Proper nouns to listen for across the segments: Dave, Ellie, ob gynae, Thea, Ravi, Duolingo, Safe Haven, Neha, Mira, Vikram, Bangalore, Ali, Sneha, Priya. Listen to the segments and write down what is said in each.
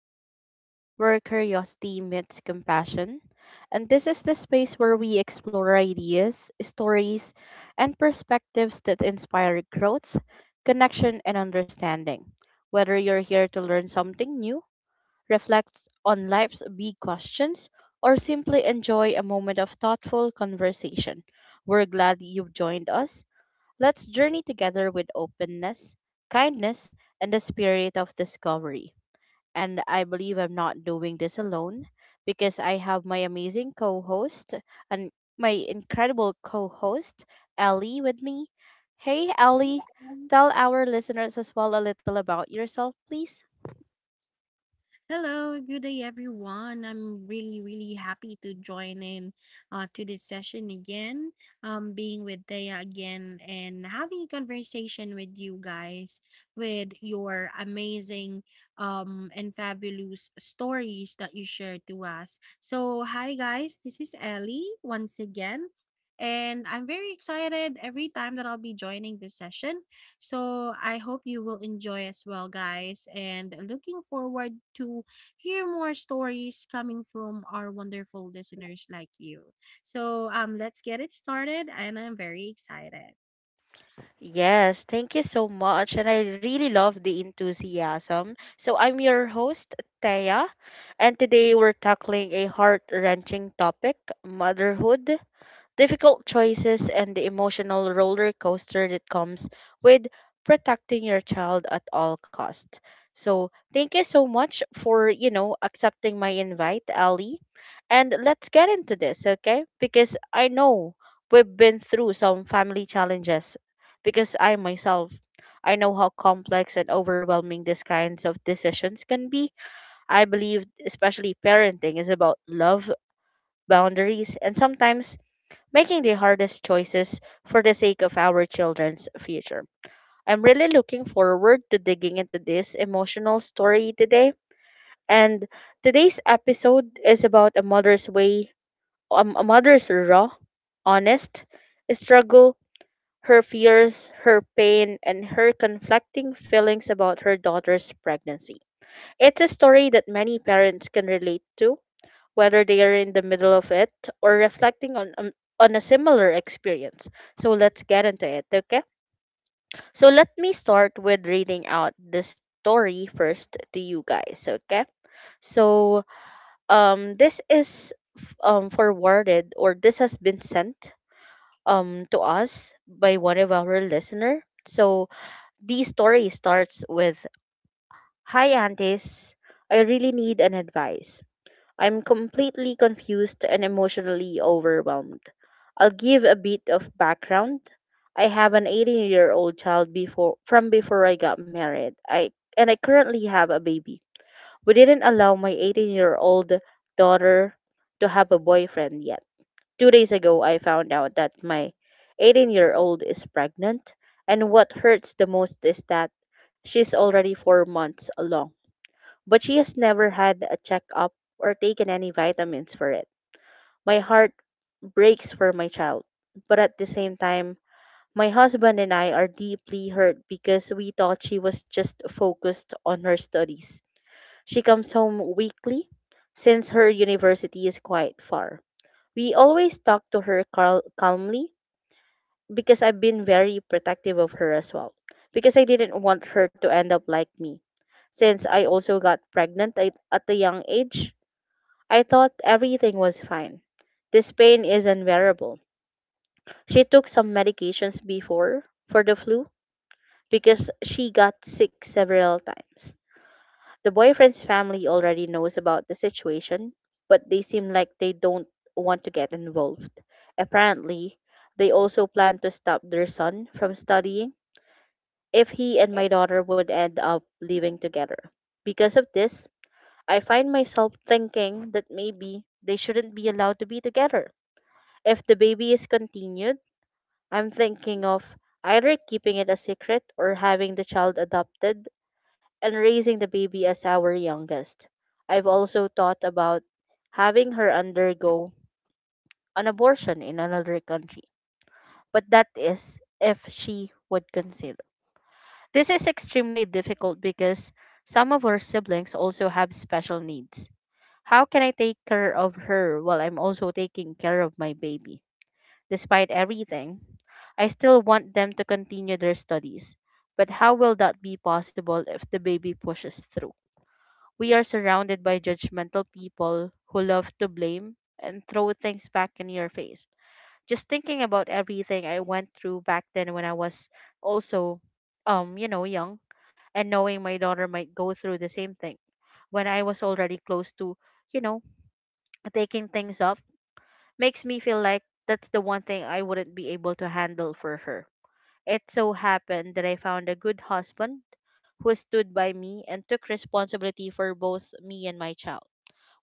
Haven, where curiosity meets compassion. And this is the space where we explore ideas, stories, and perspectives that inspire growth, connection, and understanding. Whether you're here to learn something new, reflect on life's big questions, or simply enjoy a moment of thoughtful conversation, we're glad you've joined us. Let's journey together with openness, kindness, and the spirit of discovery. And I believe I'm not doing this alone because I have my amazing co host and my incredible co host, Ellie, with me. Hey, Ellie, Yeah. um, tell our listeners as well a little about yourself, please. Hello, good day everyone. I'm really, really happy to join in to this session again, being with Thea again and having a conversation with you guys with your amazing and fabulous stories that you share to us. So, hi guys, this is Ellie once again, and I'm very excited every time that I'll be joining this session. So I hope you will enjoy as well, guys. And looking forward to hear more stories coming from our wonderful listeners like you. So let's get it started, and I'm very excited. Yes, thank you so much. And I really love the enthusiasm. So, I'm your host, Thea, and today we're tackling a heart wrenching topic, motherhood, difficult choices, and the emotional roller coaster that comes with protecting your child at all costs. So, thank you so much for, you know, accepting my invite, Ali. And let's get into this, okay? Because I know we've been through some family challenges, because I myself, I know how complex and overwhelming these kinds of decisions can be. I believe, especially parenting, is about love, boundaries, and sometimes making the hardest choices for the sake of our children's future. I'm really looking forward to digging into this emotional story today. And today's episode is about a mother's way, a mother's raw, honest struggle, her fears, her pain, and her conflicting feelings about her daughter's pregnancy. It's a story that many parents can relate to, whether they are in the middle of it or reflecting on, on a similar experience. So let's get into it, okay? So let me start with reading out the story first to you guys, okay? So, this is forwarded, or this has been sent to us by one of our listener. So the story starts with, Hi aunties, I really need an advice. I'm completely confused and emotionally overwhelmed. I'll give a bit of background. I have an 18-year-old child before, from before I got married. I and I currently have a baby. We didn't allow my 18-year-old daughter to have a boyfriend yet. 2 days ago I found out that my 18-year-old is pregnant, and what hurts the most is that she's already 4 months along, but she has never had a checkup or taken any vitamins for it. My heart breaks for my child, but at the same time, my husband and I are deeply hurt because we thought she was just focused on her studies. She comes home weekly since her university is quite far. We always talk to her calmly, because I've been very protective of her as well, because I didn't want her to end up like me, since I also got pregnant at a young age. I thought everything was fine. This pain is unbearable. She took some medications before for the flu because she got sick several times. The boyfriend's family already knows about the situation, but they seem like they don't want to get involved. Apparently, they also plan to stop their son from studying if he and my daughter would end up living together. Because of this, I find myself thinking that maybe they shouldn't be allowed to be together. If the baby is continued, I'm thinking of either keeping it a secret or having the child adopted and raising the baby as our youngest. I've also thought about having her undergo an abortion in another country, but that is if she would consider. This is extremely difficult because some of her siblings also have special needs. How can I take care of her while I'm also taking care of my baby? Despite everything, I still want them to continue their studies. But how will that be possible if the baby pushes through? We are surrounded by judgmental people who love to blame and throw things back in your face. Just thinking about everything I went through back then when I was also you know, young, and knowing my daughter might go through the same thing when I was already close to, you know, taking things up, makes me feel like that's the one thing I wouldn't be able to handle for her. It so happened that I found a good husband who stood by me and took responsibility for both me and my child,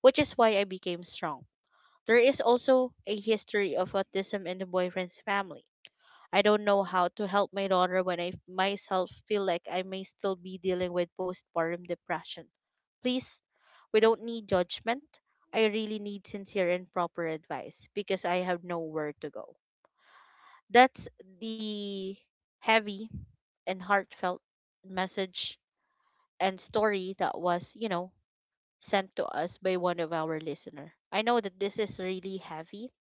which is why I became strong. There is also a history of autism in the boyfriend's family. I don't know how to help my daughter when myself feel like I may still be dealing with postpartum depression. Please, we don't need judgment. I really need sincere and proper advice because I have nowhere to go. That's the heavy and heartfelt message and story that was, you know, sent to us by one of our listener. I know that this is really heavy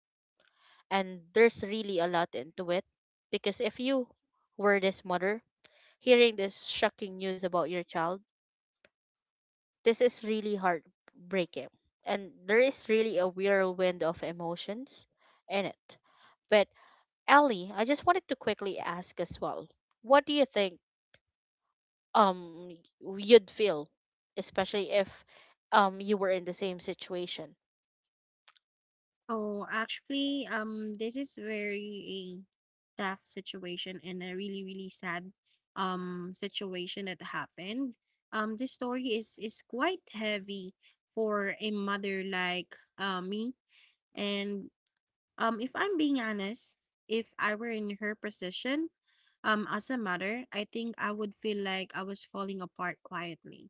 and there's really a lot into it, because if you were this mother hearing this shocking news about your child, this is really heartbreaking. And there is really a whirlwind of emotions in it. But Ellie, I just wanted to quickly ask as well. What do you think um you'd feel, especially if you were in the same situation? Oh, actually, this is very a tough situation and a really, really sad situation that happened. This story is quite heavy for a mother like me, and if I'm being honest, if I were in her position, as a mother, I think I would feel like I was falling apart quietly,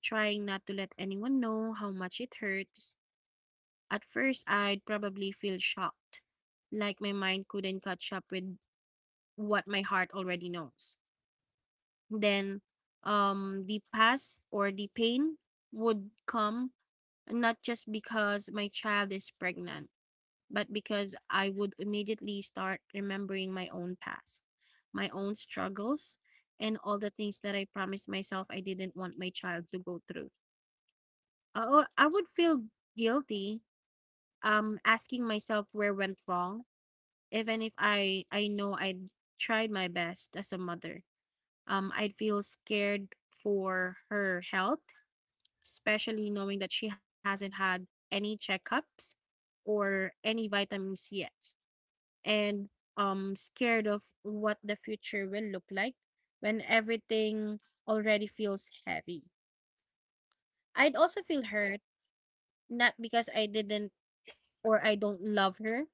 trying not to let anyone know how much it hurts. At first, I'd probably feel shocked, like my mind couldn't catch up with what my heart already knows. Then, the past or the pain would come not just because my child is pregnant, but because I would immediately start remembering my own past, my own struggles, and all the things that I promised myself I didn't want my child to go through. Oh, I would feel guilty, asking myself where went wrong, even if I know I tried my best as a mother. I'd feel scared for her health, especially knowing that she hasn't had any checkups or any vitamins yet. And scared of what the future will look like when everything already feels heavy. I'd also feel hurt, not because I didn't or I don't love her,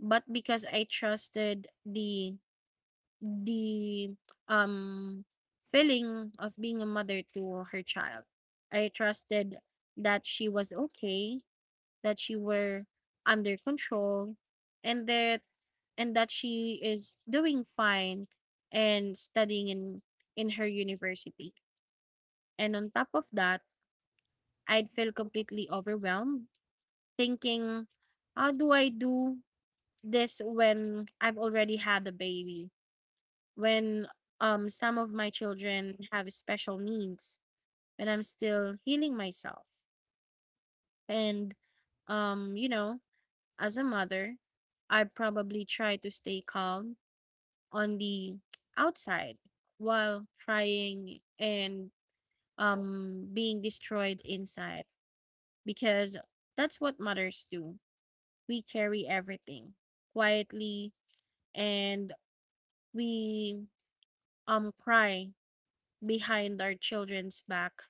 but because I trusted the um feeling of being a mother to her child. I trusted that she was okay, that she were under control, and that and that she is doing fine and studying in her university. And on top of that, I'd feel completely overwhelmed thinking, how do I do this when I've already had a baby? When some of my children have special needs and I'm still healing myself. And um, you know, as a mother, I probably try to stay calm on the outside while trying and being destroyed inside, because that's what mothers do. We carry everything quietly, and we cry behind our children's back,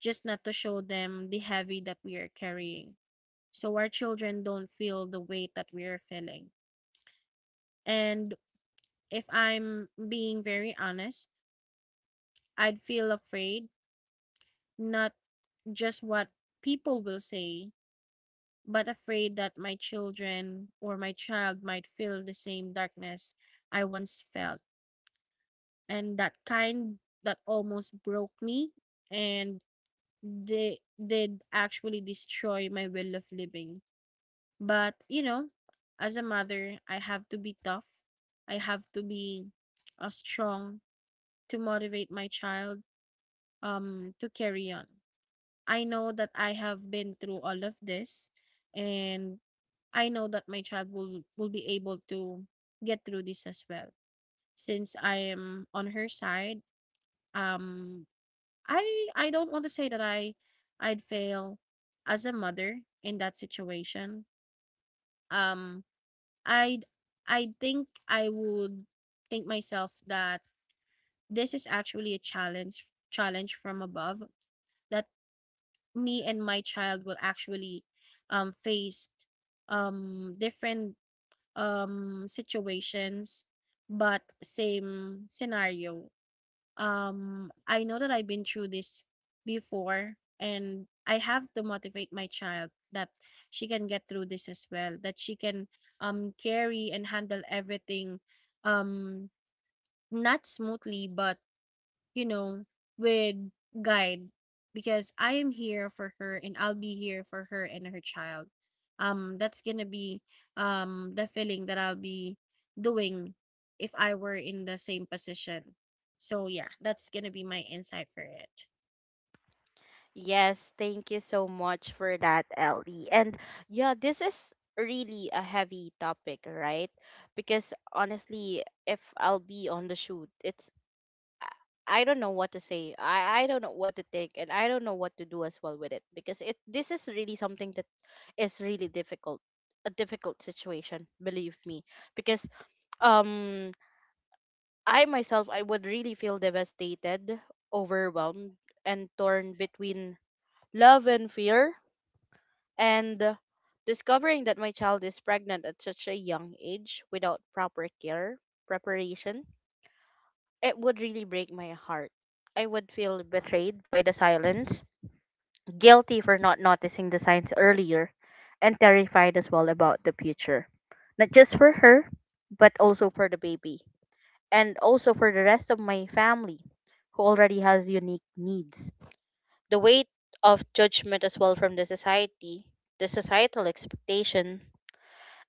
just not to show them the heavy that we are carrying so our children don't feel the weight that we are feeling. And if I'm being very honest, I'd feel afraid, not just what people will say, but afraid that my children or my child might feel the same darkness I once felt. And that kind that almost broke me, and they did actually destroy my will of living. But, you know, as a mother, I have to be tough. I have to be strong to motivate my child to carry on. I know that I have been through all of this, and I know that my child will be able to get through this as well, since I am on her side. Um I I don't want to say that I'd fail as a mother in that situation. Um I I think I would think myself that this is actually a challenge from above, that me and my child will actually face different situations but same scenario. I know that I've been through this before, and I have to motivate my child that she can get through this as well, that she can carry and handle everything, um, not smoothly but, you know, with guide, because I am here for her and I'll be here for her and her child. That's gonna be the feeling that I'll be doing if I were in the same position. So yeah, that's gonna be my insight for it. Yes, thank you so much for that, Ellie. And yeah, this is really a heavy topic, right? Because honestly, if I'll be on the shoot, it's I I don't know what to say. I don't know what to think, and I don't know what to do as well with it, because it this is really something that is really difficult. A difficult situation, believe me. Because um I myself I would really feel devastated, overwhelmed, and torn between love and fear, and discovering that my child is pregnant at such a young age without proper care, preparation, it would really break my heart. I would feel betrayed by the silence, guilty for not noticing the signs earlier, and terrified as well about the future. Not just for her, but also for the baby, and also for the rest of my family who already has unique needs. The weight of judgment as well from the society, the societal expectation,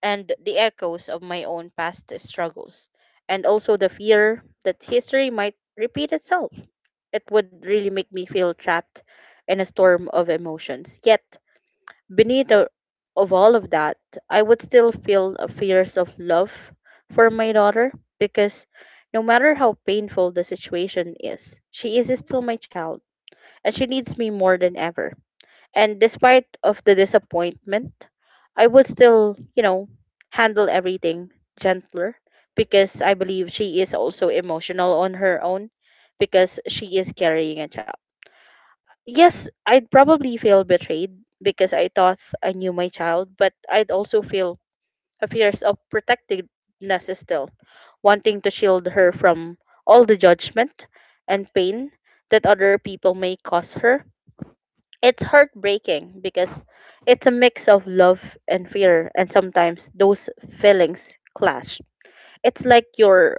and the echoes of my own past struggles, and also the fear that history might repeat itself, it would really make me feel trapped in a storm of emotions. Yet, beneath of all of that, I would still feel a fierce of love for my daughter, because no matter how painful the situation is, she is still my child, and she needs me more than ever. And despite of the disappointment, I would still, you know, handle everything gentler, because I believe she is also emotional on her own because she is carrying a child. Yes, I'd probably feel betrayed because I thought I knew my child, but I'd also feel a fear of protectiveness still, wanting to shield her from all the judgment and pain that other people may cause her. It's heartbreaking because it's a mix of love and fear, and sometimes those feelings clash. It's like your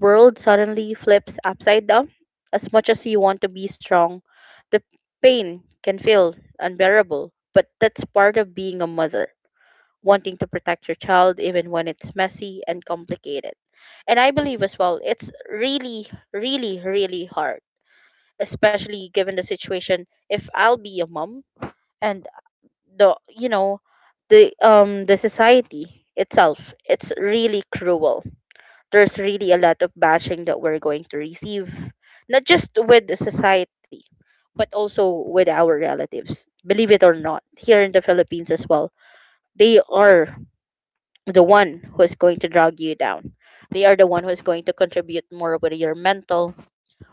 world suddenly flips upside down. As much as you want to be strong, the pain can feel unbearable, but that's part of being a mother, wanting to protect your child even when it's messy and complicated. And I believe as well, it's really, really, really hard, especially given the situation if I'll be a mom, and the, you know, the society itself, it's really cruel. There's really a lot of bashing that we're going to receive, not just with the society, but also with our relatives. Believe it or not, here in the Philippines as well, they are the one who is going to drag you down. They are the one who is going to contribute more with your mental,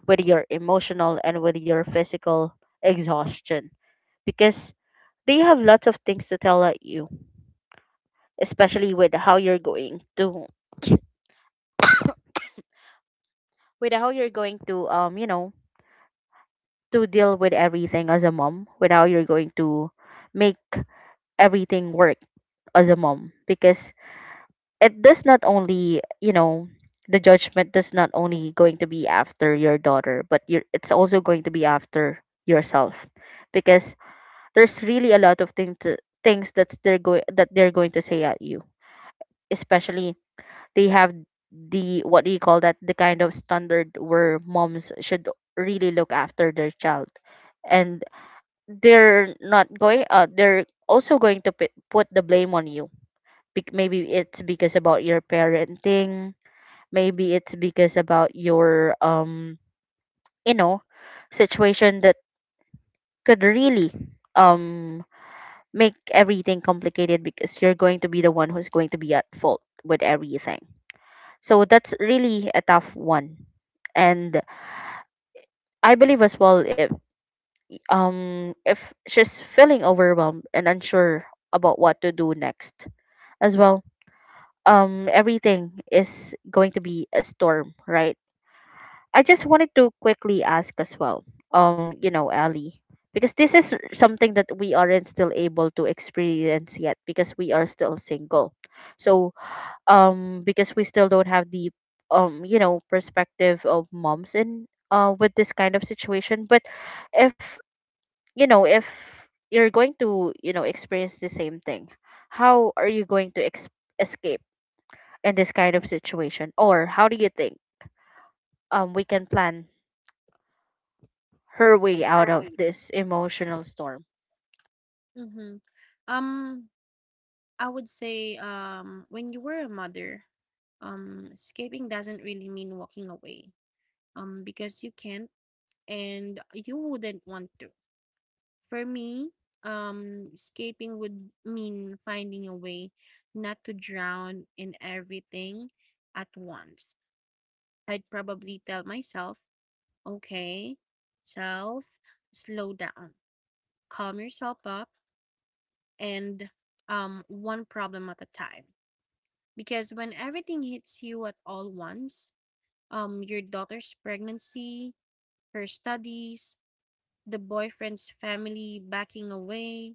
with your emotional, and with your physical exhaustion because they have lots of things to tell at you, especially with how you're going to with how you're going to to deal with everything as a mom without you're going to make everything work as a mom because it does not only the judgment does not only going to be after your daughter but you are it's also going to be after yourself because there's really a lot of things that they're going to say at you, especially they have the what do you call that the kind of standard where moms should really look after their child. And they're not going they're also going to put the blame on you. Maybe it's because about your parenting, maybe it's because about your you know situation that could really, um make everything complicated because you're going to be the one who's going to be at fault with everything. So that's really a tough one. And I believe as well, if she's feeling overwhelmed and unsure about what to do next as well. Everything is going to be a storm, right? I just wanted to quickly ask as well, Ali, because this is something that we aren't still able to experience yet because we are still single. So, because we still don't have the, perspective of moms in, with this kind of situation. But if, if you're going to, experience the same thing, how are you going to escape in this kind of situation? Or how do you think we can plan her way out Her of way. this emotional storm? Mm-hmm. Um, I would say when you were a mother, escaping doesn't really mean walking away. Because you can't and you wouldn't want to. For me, escaping would mean finding a way not to drown in everything at once. I'd probably tell myself, okay, self, slow down, calm yourself up, and one problem at a time. Because when everything hits you at all once, your daughter's pregnancy, her studies, the boyfriend's family backing away,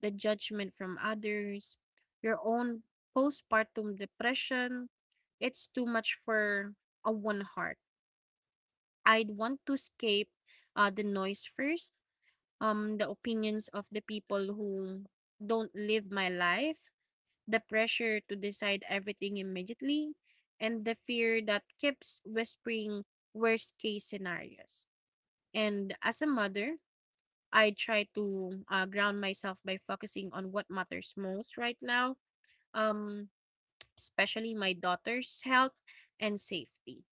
the judgment from others, your own postpartum depression. It's too much for a one heart. I'd want to escape, the noise first, the opinions of the people who don't live my life, the pressure to decide everything immediately, and the fear that keeps whispering worst case scenarios. And as a mother, I try to ground myself by focusing on what matters most right now, um, especially my daughter's health and safety.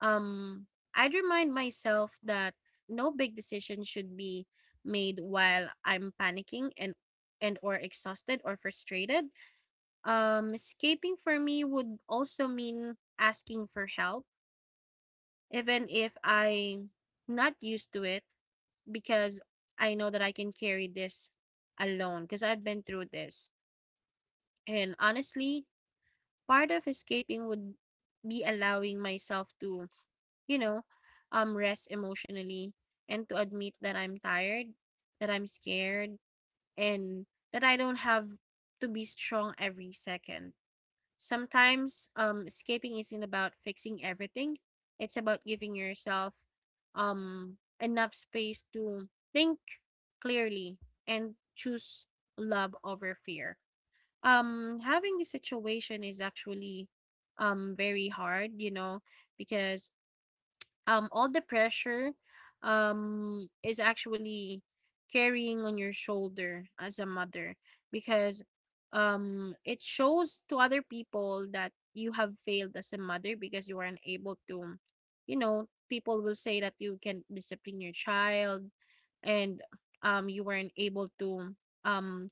Um, I'd remind myself that no big decision should be made while I'm panicking and or exhausted or frustrated. Escaping for me would also mean asking for help, even if I'm not used to it, because I know that I can carry this alone because I've been through this. And honestly, part of escaping would be allowing myself to, you know, rest emotionally and to admit that I'm tired, that I'm scared, and that I don't have to be strong every second. Sometimes escaping isn't about fixing everything, it's about giving yourself, enough space to think clearly and choose love over fear. Having this situation is actually very hard, you know, because all the pressure is actually carrying on your shoulder as a mother, because it shows to other people that you have failed as a mother because you aren't able to, you know, people will say that you can discipline your child, and you weren't able to um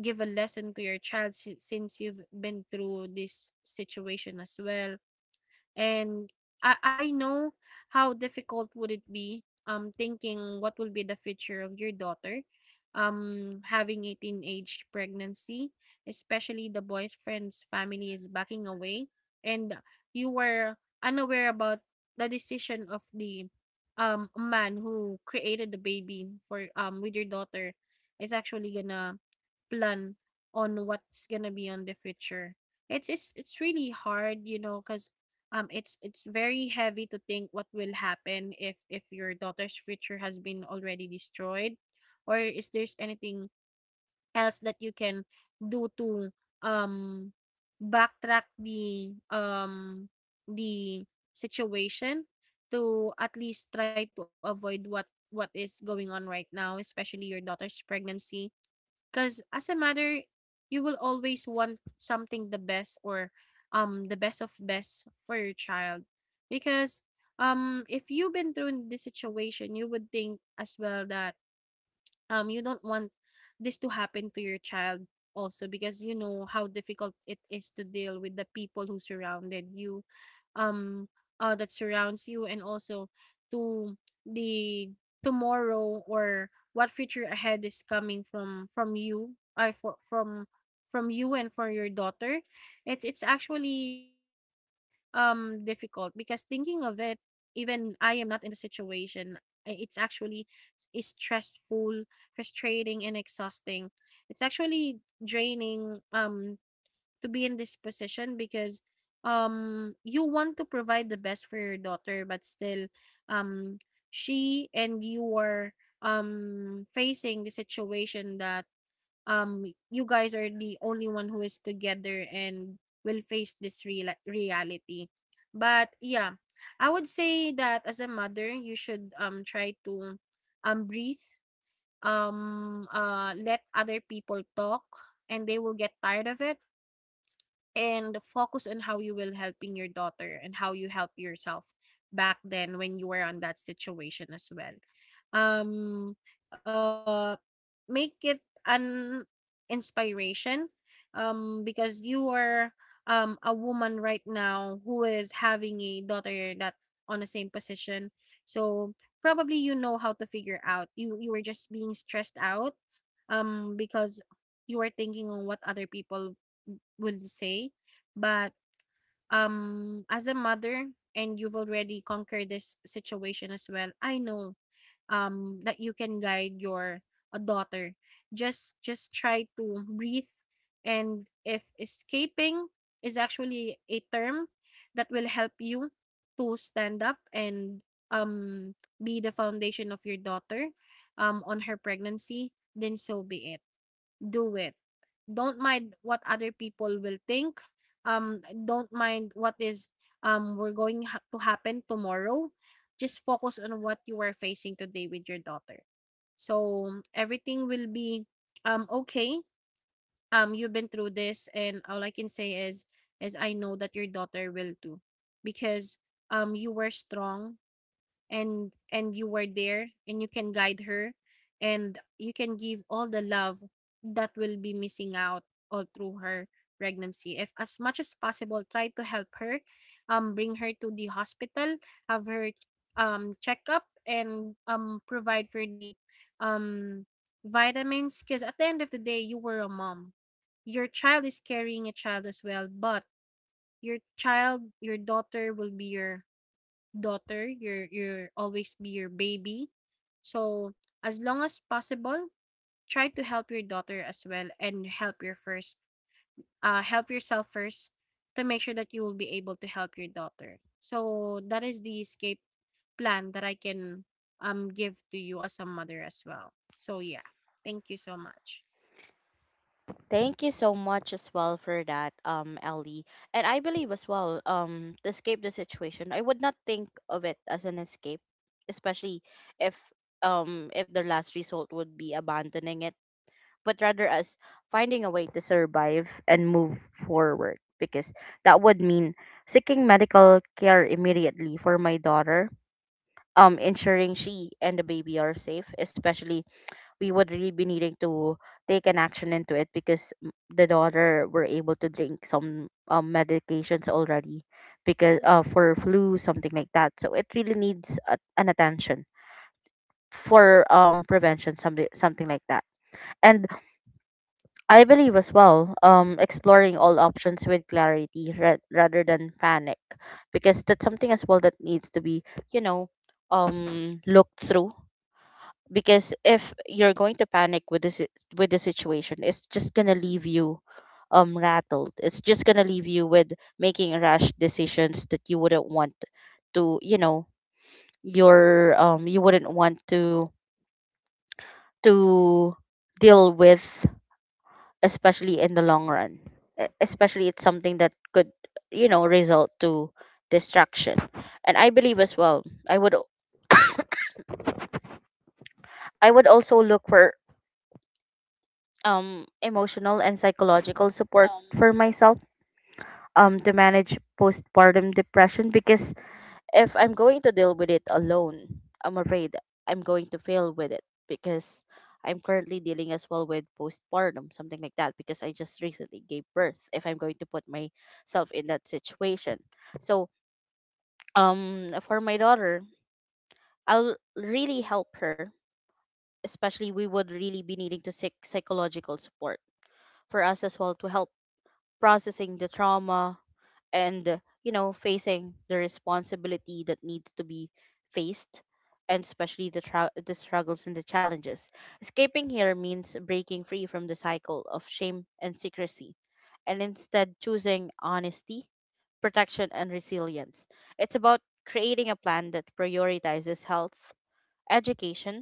give a lesson to your child, si since you've been through this situation as well. And I know how difficult would it be, thinking what will be the future of your daughter having a teenage pregnancy, especially the boyfriend's family is backing away, and you were unaware about the decision of the man who created the baby for with your daughter is actually gonna plan on what's gonna be on the future. It's really hard, you know, because it's very heavy to think what will happen if your daughter's future has been already destroyed, or is there's anything else that you can do to um backtrack the situation to at least try to avoid what is going on right now, especially your daughter's pregnancy. Because as a mother, you will always want something the best or the best of best for your child. Because if you've been through this situation, you would think as well that you don't want this to happen to your child also, because you know how difficult it is to deal with the people who surrounded you, um that surrounds you, and also to the tomorrow or what future ahead is coming from you I for from you and for your daughter. It's actually difficult because thinking of it, even I am not in the situation, it's actually is stressful, frustrating, and exhausting. It's actually draining to be in this position, because you want to provide the best for your daughter, but still, um she and you are facing the situation that you guys are the only one who is together and will face this reality. But yeah, I would say that as a mother, you should try to breathe, let other people talk and they will get tired of it, and focus on how you will helping your daughter and how you help yourself back then when you were on that situation as well. um uh Make it an inspiration, because you are a woman right now who is having a daughter that on the same position. So probably you know how to figure out, you were just being stressed out because you were thinking on what other people would say. But, as a mother and you've already conquered this situation as well, I know, that you can guide your a daughter. Just try to breathe, and if escaping is actually a term that will help you to stand up and um be the foundation of your daughter on her pregnancy, then so be it. Do it. Don't mind what other people will think. Don't mind what is we're going to happen tomorrow. Just focus on what you are facing today with your daughter. So everything will be okay. You've been through this, and all I can say is I know that your daughter will too, because you were strong, and you were there, and you can guide her, and you can give all the love that will be missing out all through her pregnancy. If as much as possible, try to help her, bring her to the hospital, have her check up, and provide for the um vitamins, because at the end of the day, you were a mom. Your child is carrying a child as well, but your child, your daughter, will be your daughter, your always be your baby. So as long as possible, try to help your daughter as well, and help yourself first, to make sure that you will be able to help your daughter. So that is the escape plan that I can give to you as a mother as well. So yeah, thank you so much. Thank you so much as well for that, Ellie. And I believe as well, to escape the situation, I would not think of it as an escape, especially if if the last result would be abandoning it, but rather as finding a way to survive and move forward, because that would mean seeking medical care immediately for my daughter, ensuring she and the baby are safe. Especially we would really be needing to take an action into it because the daughter were able to drink some medications already, because for flu something like that, so it really needs a, an attention for prevention something something like that. And I believe as well, exploring all options with clarity rather than panic, because that's something as well that needs to be, you know looked through. Because if you're going to panic with this, with the situation, it's just going to leave you rattled. It's just going to leave you with making rash decisions that you wouldn't want to, your you wouldn't want to to deal with, especially in the long run. Especially it's something that could, result to distraction. And I believe as well, I would, I would also look for emotional and Um, psychological support for myself, to manage postpartum depression. Because if I'm going to deal with it alone, I'm afraid I'm going to fail with it, because I'm currently dealing as well with postpartum, something like that, because I just recently gave birth. If I'm going to put myself in that situation, so, for my daughter, I'll really help her. Especially, we would really be needing to seek psychological support for us as well, to help processing the trauma and, facing the responsibility that needs to be faced, and especially the, the struggles and the challenges. Escaping here means breaking free from the cycle of shame and secrecy, and instead choosing honesty, protection, and resilience. It's about creating a plan that prioritizes health, education,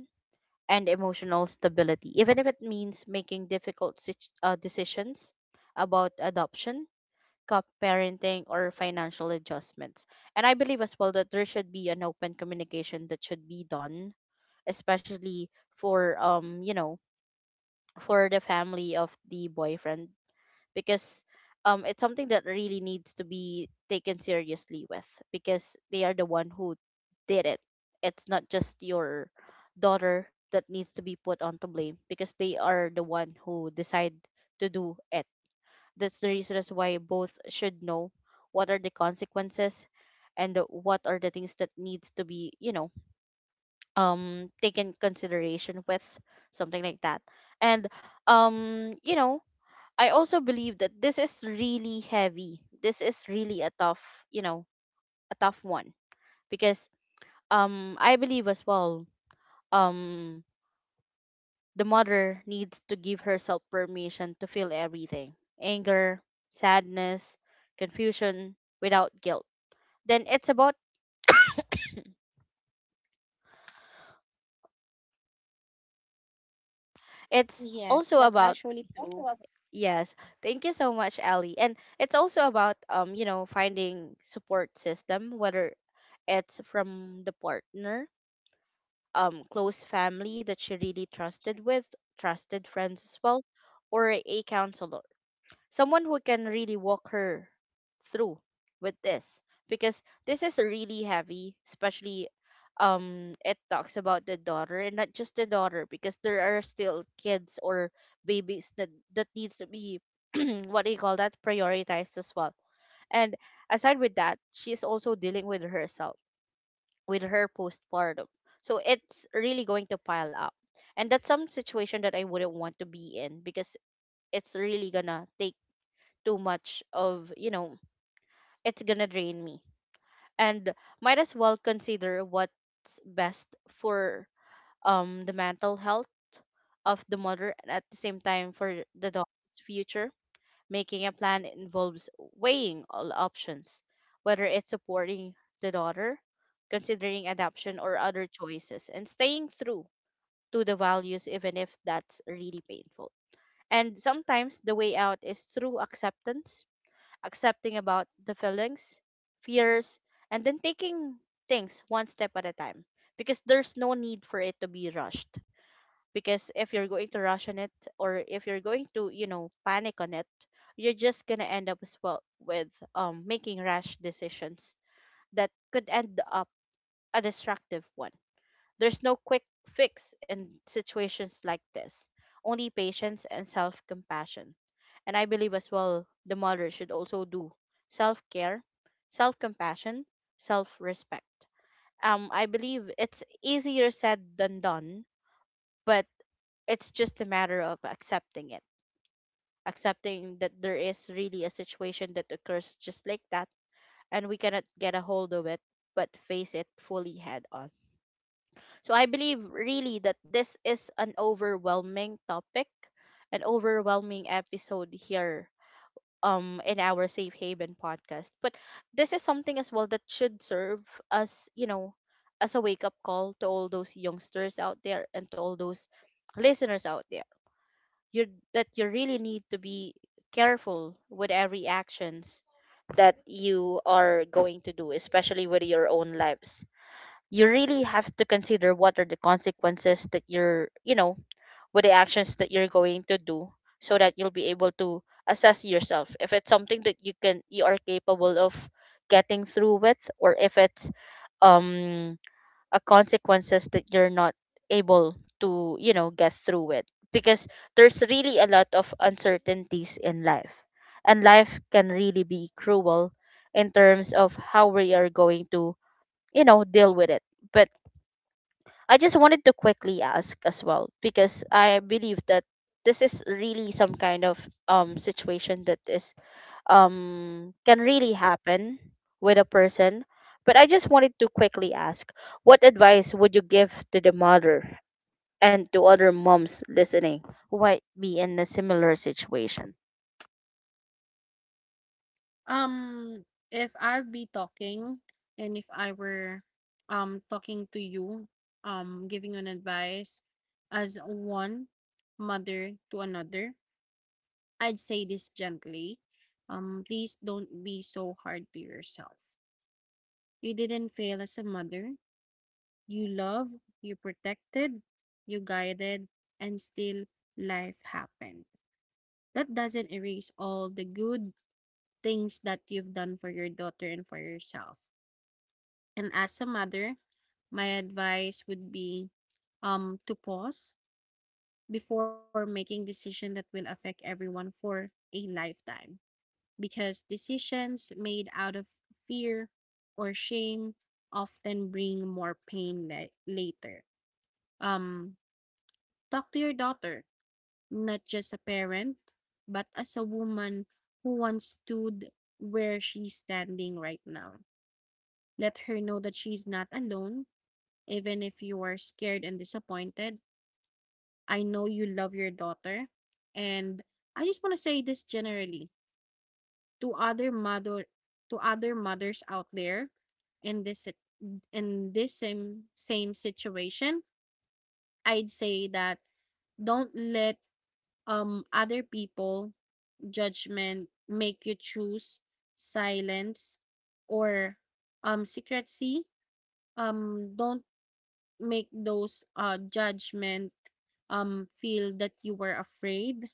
and emotional stability, even if it means making difficult decisions about adoption, co-parenting, or financial adjustments. And I believe as well that there should be an open communication that should be done, especially for for the family of the boyfriend, because it's something that really needs to be taken seriously with, because they are the one who did it. It's not just your daughter that needs to be put on to blame, because they are the one who decide to do it. That's the reason as why both should know what are the consequences and what are the things that needs to be, taken consideration with, something like that. And um, you know, I also believe that this is really heavy. This is really a tough, you know, a tough one, because I believe as well um the mother needs to give herself permission to feel everything: anger, sadness, confusion, without guilt. Then it's Yes, that's also actually about, also true. yes, thank you so much, Ali. And it's also about, finding support system, whether it's from the partner, close family that she really trusted with, trusted friends as well, or a counselor, someone who can really walk her through with this. Because this is really heavy, especially it talks about the daughter and not just the daughter, because there are still kids or babies that needs to be what do you call that prioritized as well. And aside with that, she's also dealing with herself, with her postpartum, so it's really going to pile up. And that's some situation that I wouldn't want to be in, because it's really gonna take too much of, it's gonna drain me. And might as well consider what's best for the mental health of the mother, and at the same time for the daughter's future. Making a plan involves weighing all options, whether it's supporting the daughter, considering adoption, or other choices, and staying true to the values, even if that's really painful. And sometimes the way out is through acceptance, accepting about the feelings, fears, and then taking things one step at a time, because there's no need for it to be rushed. Because if you're going to rush on it, or if you're going to, panic on it, you're just gonna end up as well with making rash decisions that could end up a destructive one. There's no quick fix in situations like this, only patience and self compassion. And I believe as well the mother should also do self care, self compassion, self respect. I believe it's easier said than done, but it's just a matter of accepting it, accepting that there is really a situation that occurs just like that, and we cannot get a hold of it, but face it fully head on. So I believe really that this is an overwhelming topic, an overwhelming episode here in our Safe Haven podcast. But this is something as well that should serve as, as a wake up call to all those youngsters out there and to all those listeners out there. You that you really need to be careful with every actions that you are going to do, especially with your own lives. You really have to consider what are the consequences that you're, with the actions that you're going to do, so that you'll be able to assess yourself if it's something that you are capable of getting through with, or if it's um a consequences that you're not able to, get through with. Because there's really a lot of uncertainties in life, and life can really be cruel in terms of how we are going to, deal with it. But I just wanted to quickly ask as well, because I believe that this is really some kind of situation that is can really happen with a person. But I just wanted to quickly ask, what advice would you give to the mother and to other moms listening who might be in a similar situation? Um, if I'll be talking, and if I were talking to you, giving an advice as one mother to another, I'd say this gently. Please don't be so hard to yourself. You didn't fail as a mother. You love, you protected, you guided, and still life happened. That doesn't erase all the good things that you've done for your daughter and for yourself. And as a mother, my advice would be to pause before making decision that will affect everyone for a lifetime, because decisions made out of fear or shame often bring more pain later. um Talk to your daughter, not just a parent, but as a woman who once stood where she's standing right now. Let her know that she's not alone, even if you are scared and disappointed. I know you love your daughter. And I just want to say this generally to other mother, to other mothers out there in this sit- in this same situation. I'd say that, don't let other people judgment make you choose silence or secrecy. Don't make those judgment feel that you were afraid.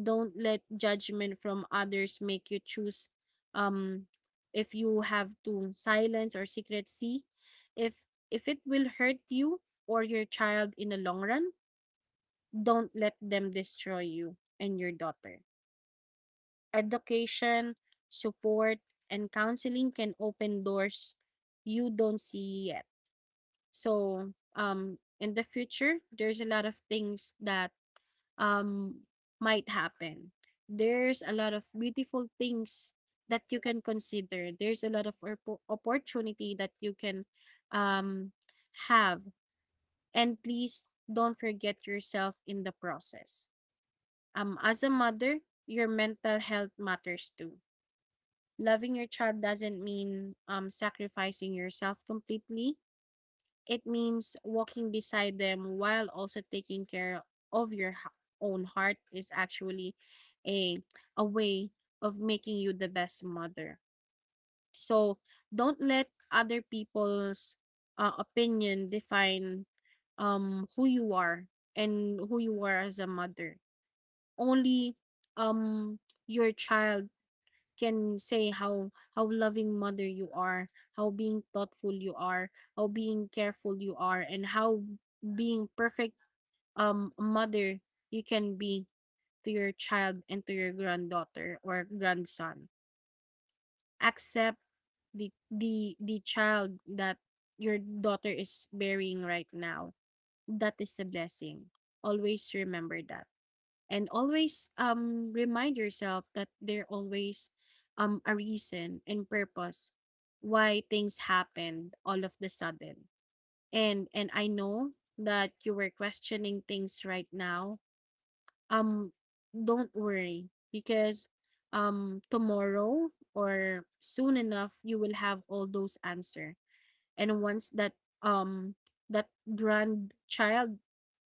Don't let judgment from others make you choose, um if you have to, silence or secrecy. if if it will hurt you or your child in the long run, don't let them destroy you and your daughter. Education, support, and counseling can open doors you don't see yet. So, in the future, there's a lot of things that um might happen. There's a lot of beautiful things that you can consider. There's a lot of opportunity that you can um have. And please don't forget yourself in the process. As a mother, your mental health matters too. Loving your child doesn't mean sacrificing yourself completely. It means walking beside them, while also taking care of your own heart, is actually a a way of making you the best mother. So don't let other people's opinion define who you are, and who you are as a mother. Only your child can say how loving mother you are, how being thoughtful you are, how being careful you are, and how being perfect mother you can be to your child, and to your granddaughter or grandson. Accept the child that your daughter is bearing right now. That is a blessing. Always remember that, and always remind yourself that there always a reason and purpose why things happened all of the sudden. And I know that you were questioning things right now. um don't worry, because tomorrow or soon enough you will have all those answer. And once that um that grandchild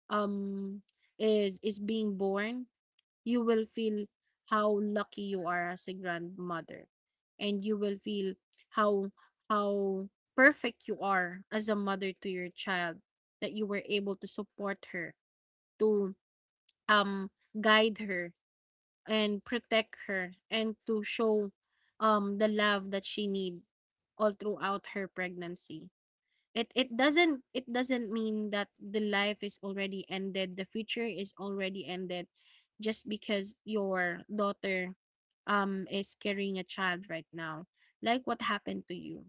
um is being born, you will feel how lucky you are as a grandmother, and you will feel how how perfect you are as a mother to your child, that you were able to support her, to um guide her, and protect her, and to show the love that she need all throughout her pregnancy. It doesn't mean that the life is already ended, the future is already ended, just because your daughter is carrying a child right now. Like what happened to you,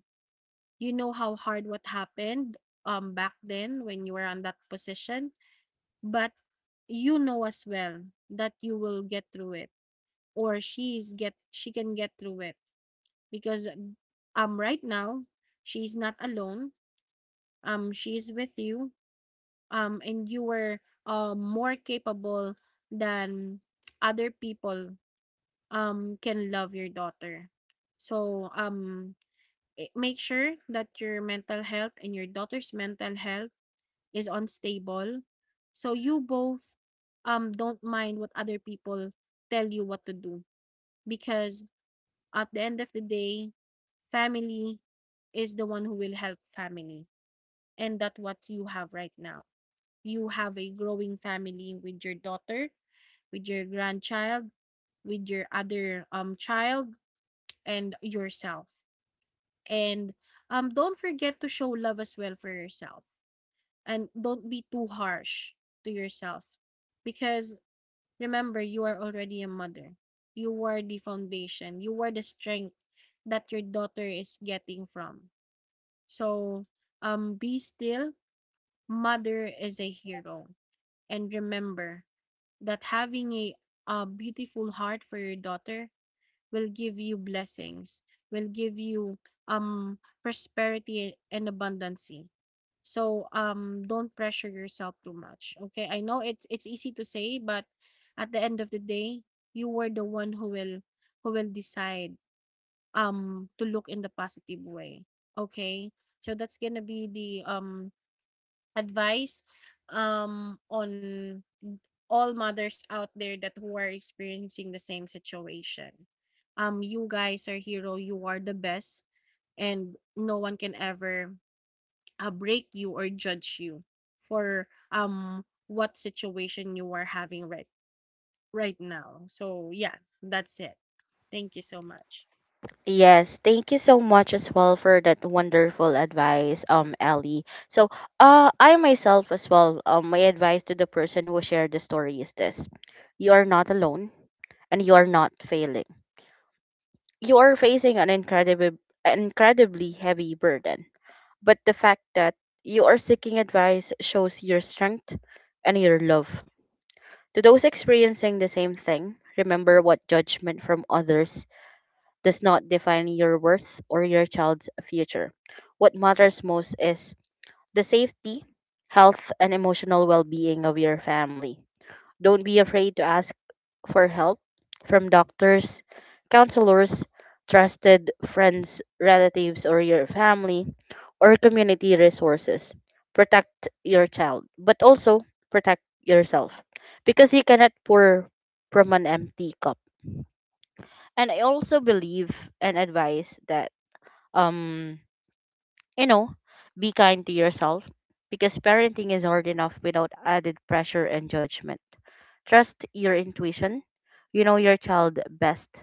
you know how hard what happened back then when you were on that position. But you know as well that you will get through it, or she can get through it, because right now, she's not alone. She's with you. And you were more capable than other people can love your daughter. So make sure that your mental health and your daughter's mental health is unstable, so you both don't mind what other people tell you what to do, because at the end of the day, family is the one who will help family. And that's what you have right now. You have a growing family, with your daughter, with your grandchild, with your other child, and yourself. And don't forget to show love as well for yourself, and don't be too harsh to yourself, because remember, you are already a mother. You are the foundation, you are the strength that your daughter is getting from. So be still, mother is a hero. And remember that having a beautiful heart for your daughter will give you blessings, will give you prosperity and abundancy. So don't pressure yourself too much. Okay? I know it's easy to say, but at the end of the day, you were the one who will decide to look in the positive way. Okay? So that's gonna be the advice on all mothers out there that who are experiencing the same situation. You guys are hero. You are the best, and no one can ever break you or judge you for what situation you are having right now. So yeah, that's it. Thank you so much. Yes, thank you so much as well for that wonderful advice, Ellie. So, I myself as well, my advice to the person who shared the story is this: you are not alone, and you are not failing. You are facing an incredible, incredibly heavy burden, but the fact that you are seeking advice shows your strength and your love. To those experiencing the same thing, remember what judgment from others does not define your worth or your child's future. What matters most is the safety, health, and emotional well being of your family. Don't be afraid to ask for help from doctors, counselors, trusted friends, relatives, or your family, or community resources. Protect your child, but also protect yourself, because you cannot pour from an empty cup. And I also believe and advise that, um you know be kind to yourself, because parenting is hard enough without added pressure and judgment. Trust your intuition, you know your child best.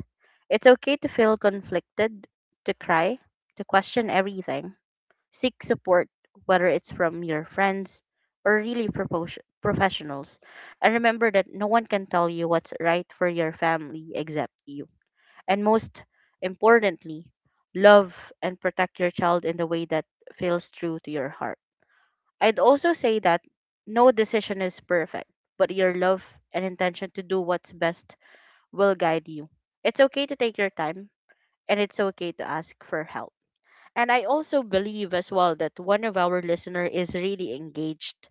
It's okay to feel conflicted, to cry, to question everything. Seek support, whether it's from your friends or really professionals, and remember that no one can tell you what's right for your family except you. And most importantly, love and protect your child in the way that feels true to your heart. I'd also say that no decision is perfect, but your love and intention to do what's best will guide you. It's okay to take your time, and it's okay to ask for help. And I also believe as well that one of our listener is really engaged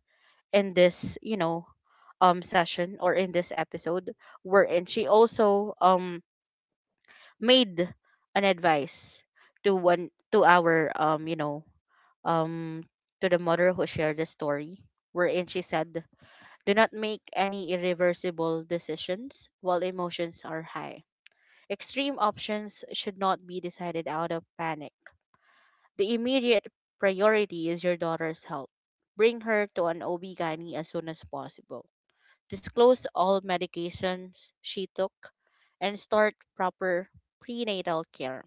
in this, session or in this episode, wherein she also made an advice to one to our um to the mother who shared the story, wherein she said: do not make any irreversible decisions while emotions are high. Extreme options should not be decided out of panic. The immediate priority is your daughter's health. Bring her to an ob gynae as soon as possible, disclose all medications she took, and start proper prenatal care.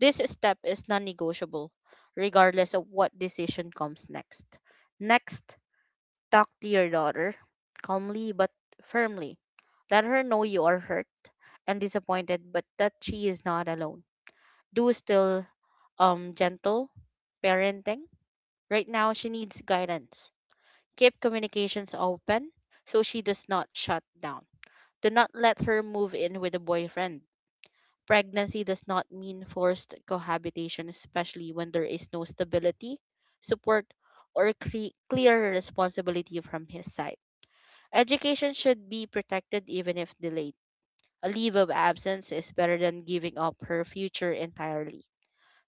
This step is non negotiable, regardless of what decision comes next. Next, talk to your daughter calmly but firmly. Let her know you are hurt and disappointed, but that she is not alone. Do still gentle parenting. Right now, she needs guidance. Keep communications open so she does not shut down. Do not let her move in with a boyfriend. Pregnancy does not mean forced cohabitation, especially when there is no stability, support, or clear responsibility from his side. Education should be protected even if delayed. A leave of absence is better than giving up her future entirely.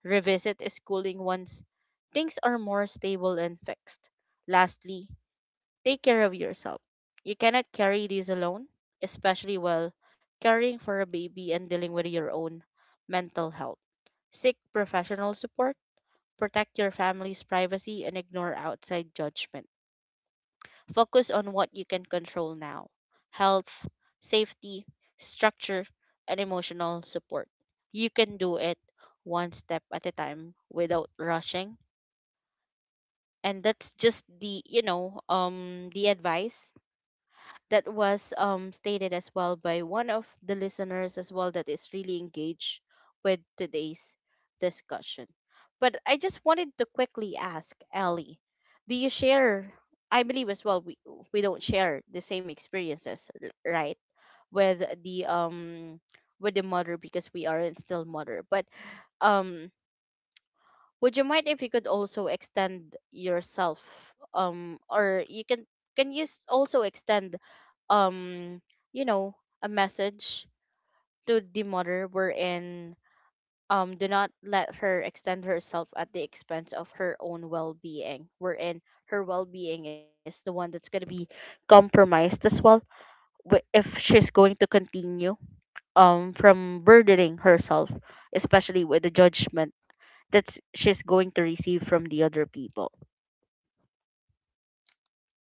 Revisit schooling once things are more stable and fixed. Lastly, take care of yourself. You cannot carry these alone, especially while caring for a baby and dealing with your own mental health. Seek professional support, protect your family's privacy, and ignore outside judgment. Focus on what you can control now: health, safety, structure, and emotional support. You can do it one step at a time without rushing. And that's just the advice that was stated as well by one of the listeners as well that is really engaged with today's discussion. But I just wanted to quickly ask Ellie, do you share? I believe as well we don't share the same experiences, right? With the with the mother because we aren't still mother, but um would you mind if you could also extend yourself? Or you can you also extend, um, a message to the mother wherein do not let her extend herself at the expense of her own well-being, wherein her well-being is the one that's going to be compromised as well if she's going to continue from burdening herself, especially with the judgment that she's going to receive from the other people.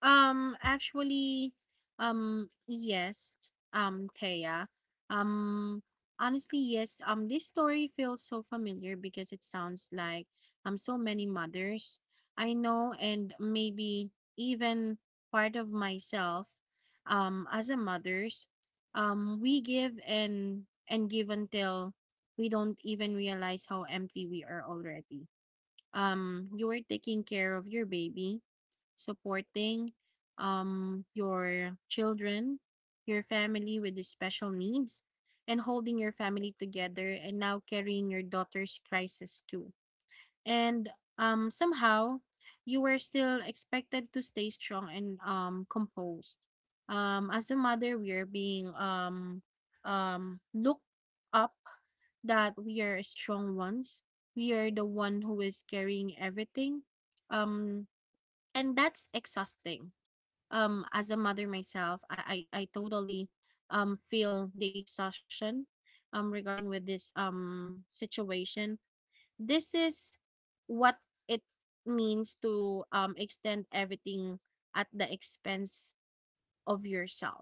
Actually, yes, Thea. Um, Honestly, yes. This story feels so familiar, because it sounds like so many mothers I know, and maybe even part of myself, as a mothers, we give and give until we don't even realize how empty we are already. You are taking care of your baby, supporting your children, your family with the special needs, and holding your family together, and now carrying your daughter's crisis too. And somehow, you were still expected to stay strong and composed. As a mother, we are being looked up, that we are strong ones. We are the one who is carrying everything. Um, and that's exhausting. As a mother myself, I totally feel the exhaustion regarding with this situation. This is what it means to extend everything at the expense of yourself,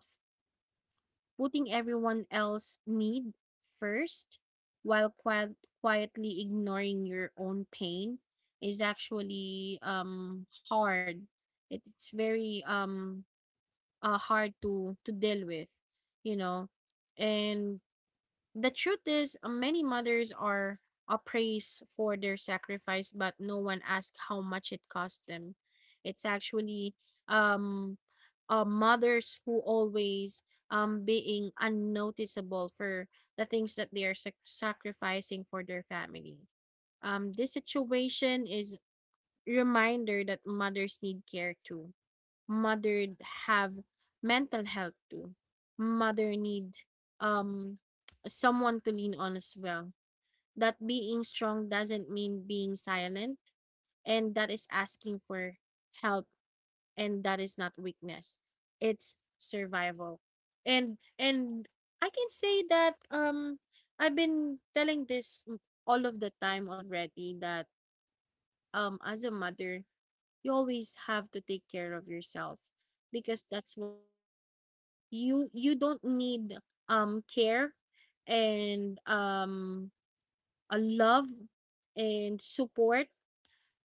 putting everyone else's need first, while quietly ignoring your own pain, is actually hard. It, it's very hard to deal with, you know. And the truth is, many mothers are appraised for their sacrifice, but no one asks how much it cost them. It's actually um, mothers who always being unnoticeable for the things that they are sacrificing for their family. This situation is reminder that mothers need care too, mother have mental health too, mother need um someone to lean on as well, that being strong doesn't mean being silent, and that is asking for help, and that is not weakness, it's survival. And I can say that I've been telling this all of the time already, that as a mother, you always have to take care of yourself, because that's what you need. You don't need care, and a love, and support,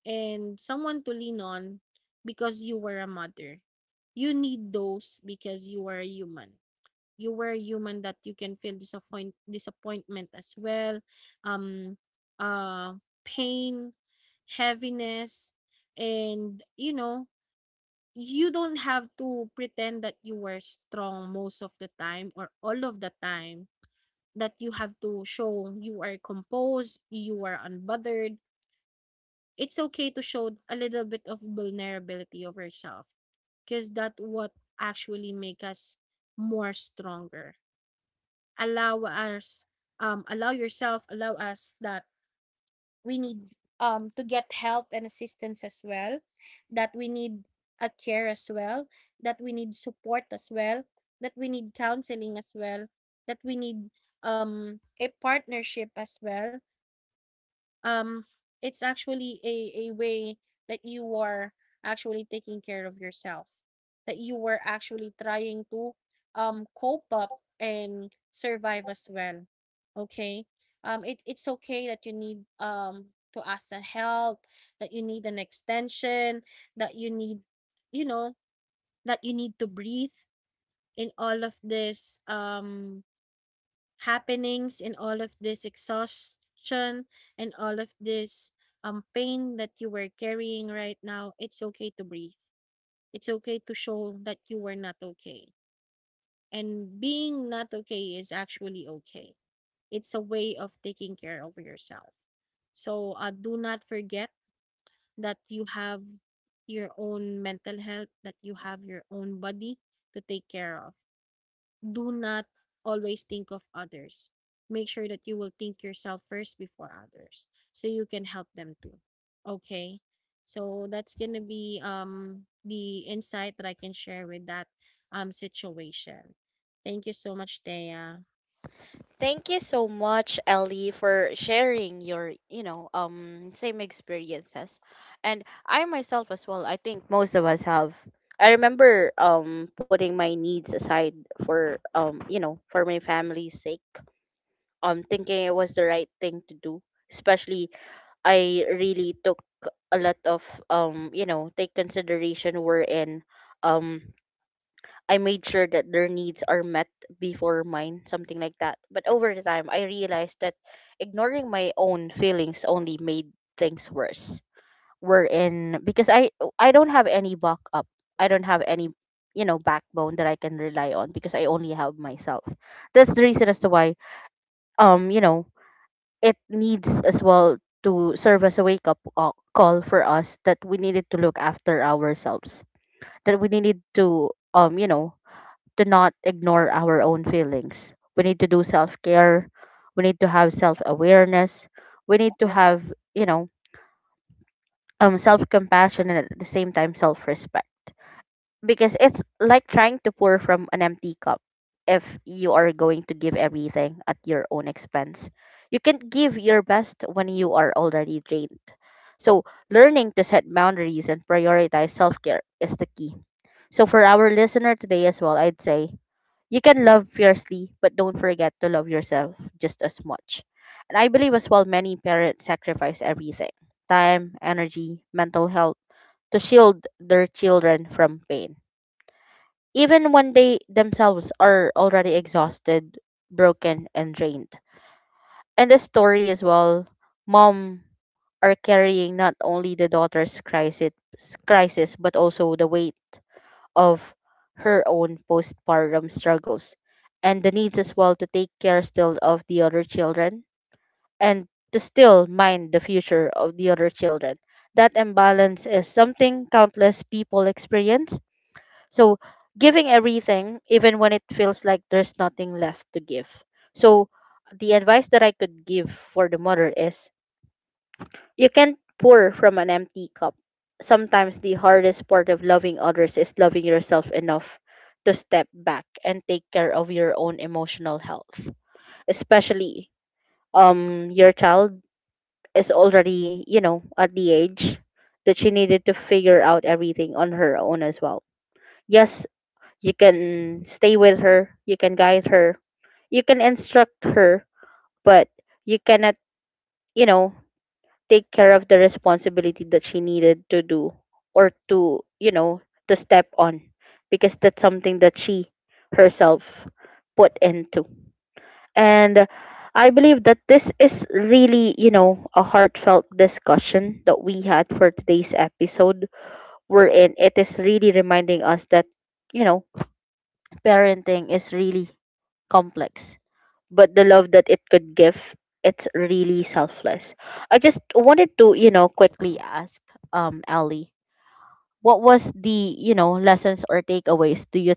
and someone to lean on, because you were a mother. You need those because you are a human. You were a human, that you can feel disappointment as well, um, uh, pain, heaviness, and you know, you don't have to pretend that you were strong most of the time or all of the time, that you have to show you are composed, you are unbothered. It's okay to show a little bit of vulnerability of yourself, because that what actually make us more stronger. Allow us, allow yourself, allow us that we need to get help and assistance as well, that we need a care as well, that we need support as well, that we need counseling as well, that we need a partnership as well. Um, it's actually a way that you are actually taking care of yourself, that you were actually trying to cope up and survive as well. Okay? It's okay that you need to ask for help, that you need an extension, that you need you know, that you need to breathe in all of this happenings and all of this exhaustion and all of this pain that you were carrying right now. It's okay to breathe, it's okay to show that you were not okay, and being not okay is actually okay. It's a way of taking care of yourself. So do not forget that you have your own mental health, that you have your own body to take care of. Do not always think of others. Make sure that you will think yourself first before others so you can help them too. Okay? So that's going to be the insight that I can share with that situation. Thank you so much, Thea. Thank you so much, Ellie, for sharing your same experiences. And I myself as well, I think most of us have. I remember putting my needs aside for for my family's sake. Thinking it was the right thing to do. Especially I really took a lot of take consideration, wherein um I made sure that their needs are met before mine, something like that. But over the time, I realized that ignoring my own feelings only made things worse. We're in because I don't have any backup, I don't have any backbone that I can rely on because I only have myself. That's the reason as to why um you know it needs as well to serve as a wake up call for us, that we needed to look after ourselves, that we needed to to not ignore our own feelings. We need to do self care. We need to have self awareness. We need to have, you know, self compassion and at the same time self respect. Because it's like trying to pour from an empty cup if you are going to give everything at your own expense. You can give your best when you are already drained. So, learning to set boundaries and prioritize self care is the key. So, for our listener today as well, I'd say you can love fiercely, but don't forget to love yourself just as much. And I believe as well many parents sacrifice everything: time, energy, mental health, to shield their children from pain. Even when they themselves are already exhausted, broken, and drained. And the story as well, mom are carrying not only the daughter's crisis but also the weight of her own postpartum struggles and the needs as well to take care still of the other children and to still mind the future of the other children. That imbalance is something countless people experience. So, giving everything, even when it feels like there's nothing left to give. So, the advice that I could give for the mother is you can't pour from an empty cup. Sometimes the hardest part of loving others is loving yourself enough to step back and take care of your own emotional health. Especially your child is already, at the age that she needed to figure out everything on her own as well. Yes, you can stay with her, you can guide her, you can instruct her, but you cannot, you know, take care of the responsibility that she needed to do or to, to step on, because that's something that she herself put into. And I believe that this is really, a heartfelt discussion that we had for today's episode, wherein it is really reminding us that, you know, parenting is really complex, but the love that it could give, it's really selfless. I just wanted to, quickly ask Ellie, what was the, lessons or takeaways do you,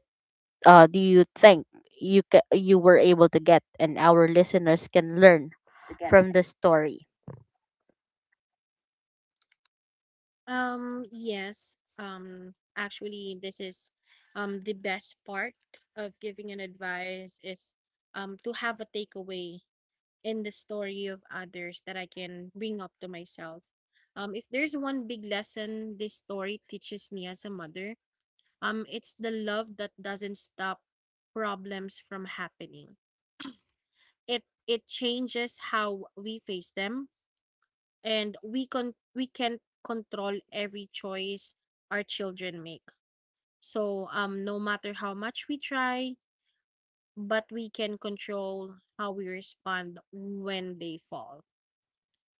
do you think you you were able to get, and our listeners can learn Again. from the story. Yes, actually this is the best part of giving an advice is to have a takeaway and the story of others that I can bring up to myself. If there's one big lesson this story teaches me as a mother, it's the love that doesn't stop problems from happening. It changes how we face them, and we con we can not control every choice our children make. So no matter how much we try, but we can control how we respond when they fall.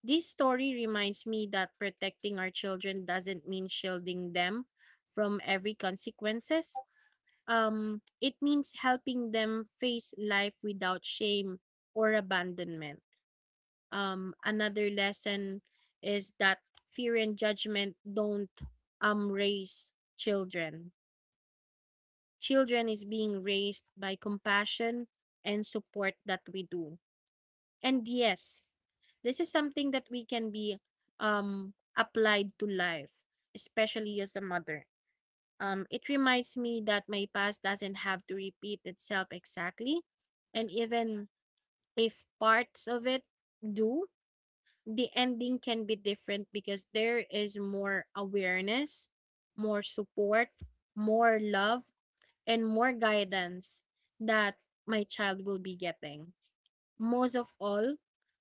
This story reminds me that protecting our children doesn't mean shielding them from every consequences. It means helping them face life without shame or abandonment. Another lesson is that fear and judgment don't raise children. Children is being raised by compassion and support that we do. And yes, this is something that we can be applied to life, especially as a mother. It reminds me that my past doesn't have to repeat itself exactly, and even if parts of it do, the ending can be different because there is more awareness, more support, more love, and more guidance that my child will be getting. Most of all,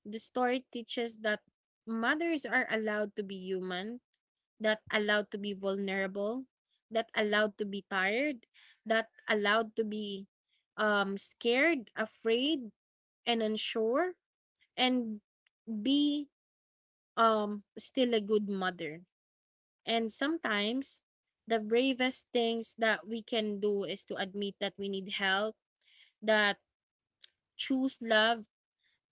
the story teaches that mothers are allowed to be human, that allowed to be vulnerable, that allowed to be tired, that allowed to be scared, afraid, and unsure, and be still a good mother. And sometimes the bravest things that we can do is to admit that we need help, that choose love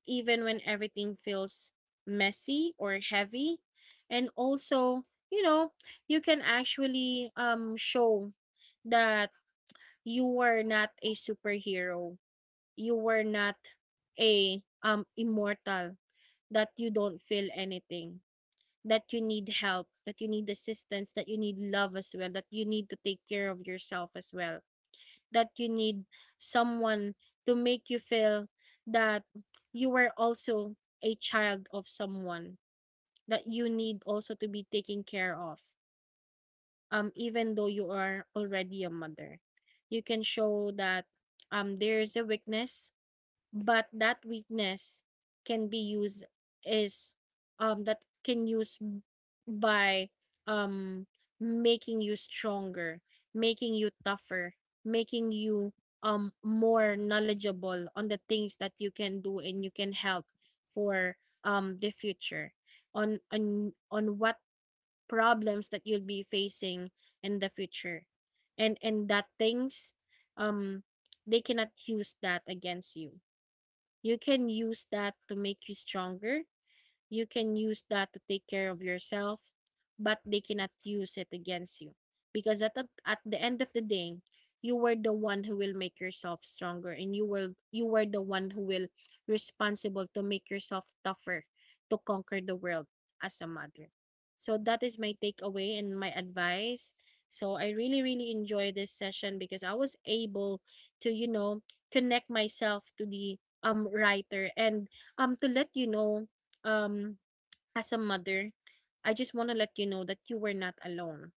even when everything feels messy or heavy. And also, you know, you can actually show that you were not a superhero. You were not a immortal, that you don't feel anything, that you need help, that you need assistance, that you need love as well, that you need to take care of yourself as well, that you need someone to make you feel that you were also a child of someone, that you need also to be taken care of even though you are already a mother. You can show that there is a weakness, but that weakness can be used is that can use b- by um making you stronger, making you tougher, making you more knowledgeable on the things that you can do and you can help for the future on what problems that you'll be facing in the future. And that things, um they cannot use that against you. You can use that to make you stronger, you can use that to take care of yourself, but they cannot use it against you. Because at the end of the day, you were the one who will make yourself stronger, and you were the one who will responsible to make yourself tougher, to conquer the world as a mother. So that is my takeaway and my advice. So I really really enjoy this session because I was able to, you know, connect myself to the writer and to let you know, um, as a mother, I just want to let you know that you were not alone.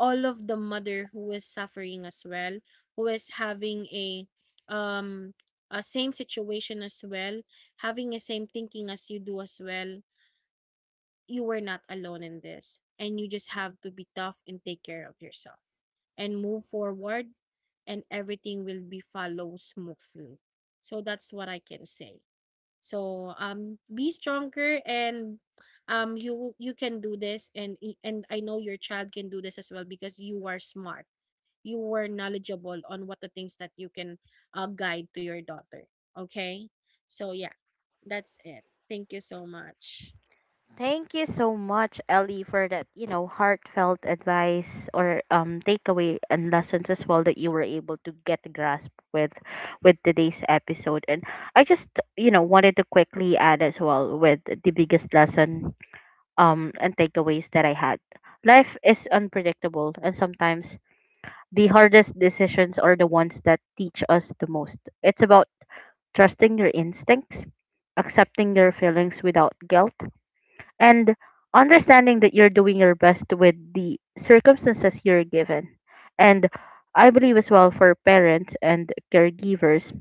All of the mother who is suffering as well, who is having um a same situation as well, having a same thinking as you do as well, you were not alone in this. And you just have to be tough and take care of yourself and move forward, and everything will be follow smoothly. So that's what I can say. So be stronger, and you can do this, and and I know your child can do this as well because you are smart. You were knowledgeable on what the things that you can guide to your daughter. Okay? So yeah, that's it. Thank you so much. Thank you so much, Ellie, for that, heartfelt advice or takeaway and lessons as well that you were able to get grasp with today's episode. And I just, wanted to quickly add as well with the biggest lesson and takeaways that I had. Life is unpredictable, and sometimes the hardest decisions are the ones that teach us the most. It's about trusting your instincts, accepting your feelings without guilt, and understanding that you're doing your best with the circumstances you're given. And I believe as well, for parents and caregivers,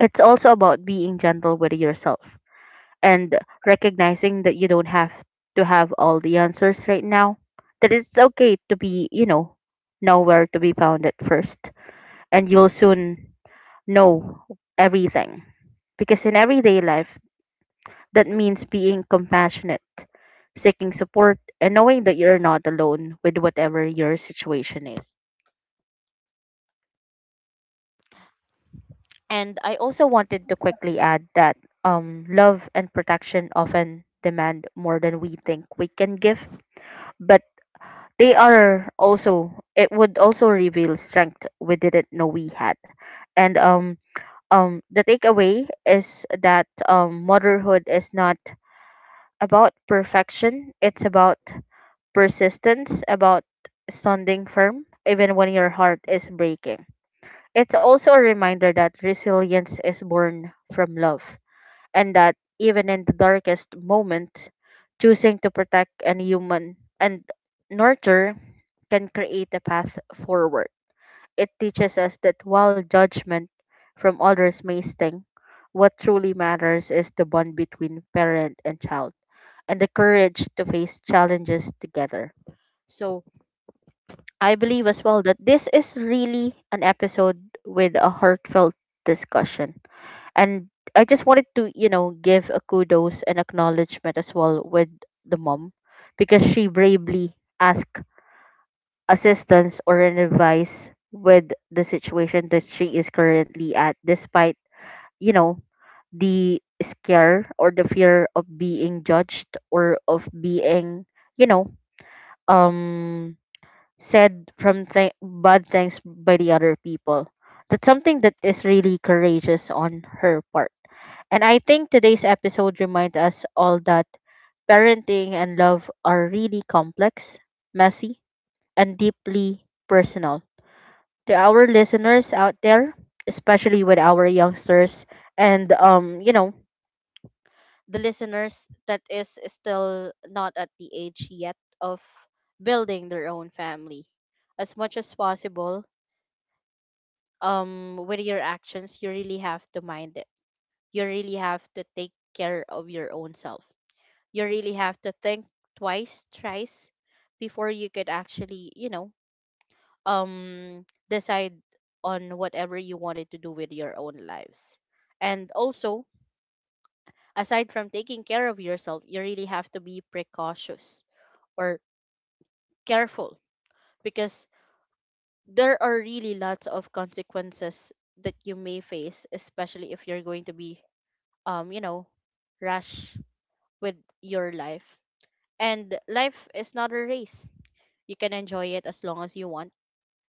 it's also about being gentle with yourself and recognizing that you don't have to have all the answers right now. That it's okay to be, nowhere to be found at first, and you'll soon know everything. Because in everyday life, that means being compassionate, seeking support, and knowing that you're not alone with whatever your situation is. And I also wanted to quickly add that love and protection often demand more than we think we can give, but they are also it would also reveal strength we didn't know we had. And the takeaway is that motherhood is not about perfection, it's about persistence, about standing firm, even when your heart is breaking. It's also a reminder that resilience is born from love, and that even in the darkest moments, choosing to protect and human and nurture can create a path forward. It teaches us that while judgment from others may sting, what truly matters is the bond between parent and child and the courage to face challenges together. So, I believe as well that this is really an episode with a heartfelt discussion. And I just wanted to, give a kudos and acknowledgement as well with the mom, because she bravely asked assistance or an advice with the situation that she is currently at, despite, you know, the scare or the fear of being judged, or of being, you know, um said from bad things by the other people. That's something that is really courageous on her part. And I think today's episode reminds us all that parenting and love are really complex, messy, and deeply personal. To our listeners out there, especially with our youngsters, and the listeners that is still not at the age yet of building their own family, as much as possible with your actions, you really have to mind it. You really have to take care of your own self. You really have to think twice, thrice before you could actually, decide on whatever you wanted to do with your own lives. And also, aside from taking care of yourself, you really have to be precautious, or careful, because there are really lots of consequences that you may face, especially if you're going to be um you know rush with your life. And life is not a race. You can enjoy it as long as you want,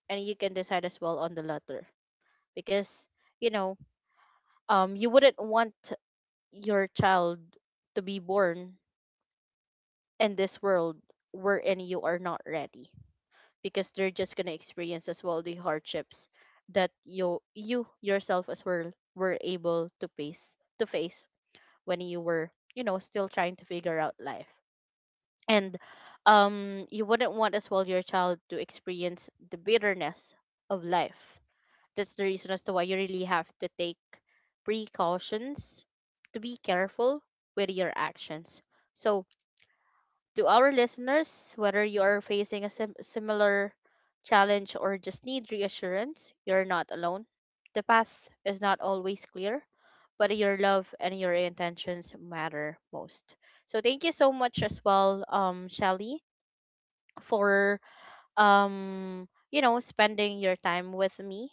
and you can decide as well on the latter, because, you know you wouldn't want your child to be born in this world wherein you are not ready, because they're just going to experience as well the hardships that you yourself as well were able to face when you were, still trying to figure out life. And you wouldn't want as well your child to experience the bitterness of life. That's the reason as to why you really have to take precautions, to be careful with your actions. So, to our listeners, whether you are facing a similar challenge or just need reassurance, you're not alone. The path is not always clear, but your love and your intentions matter most. So, thank you so much as well, Shelly, for spending your time with me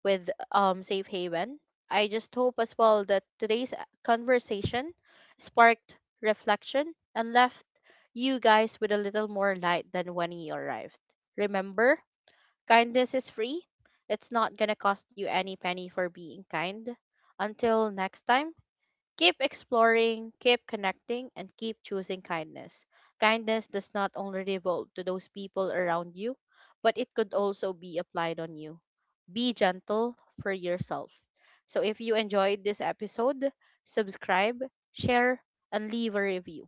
with Safe Haven. I just hope as well that today's conversation sparked reflection and left you guys with a little more light than when you arrived. Remember, kindness is free. It's not gonna cost you any penny for being kind. Until next time, keep exploring, keep connecting, and keep choosing kindness. Kindness does not only revolve to those people around you, but it could also be applied on you. Be gentle for yourself. So, if you enjoyed this episode, subscribe, share, and leave a review.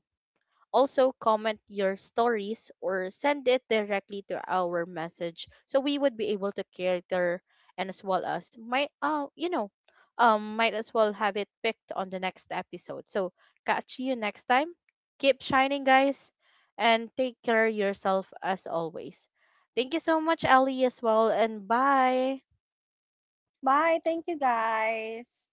Also, comment your stories or send it directly to our message, so we would be able to cater, and as well as might, might as well have it picked on the next episode. So, catch you next time. Keep shining, guys, and take care yourself as always. Thank you so much, Ali, as well, and bye. Bye. Thank you, guys.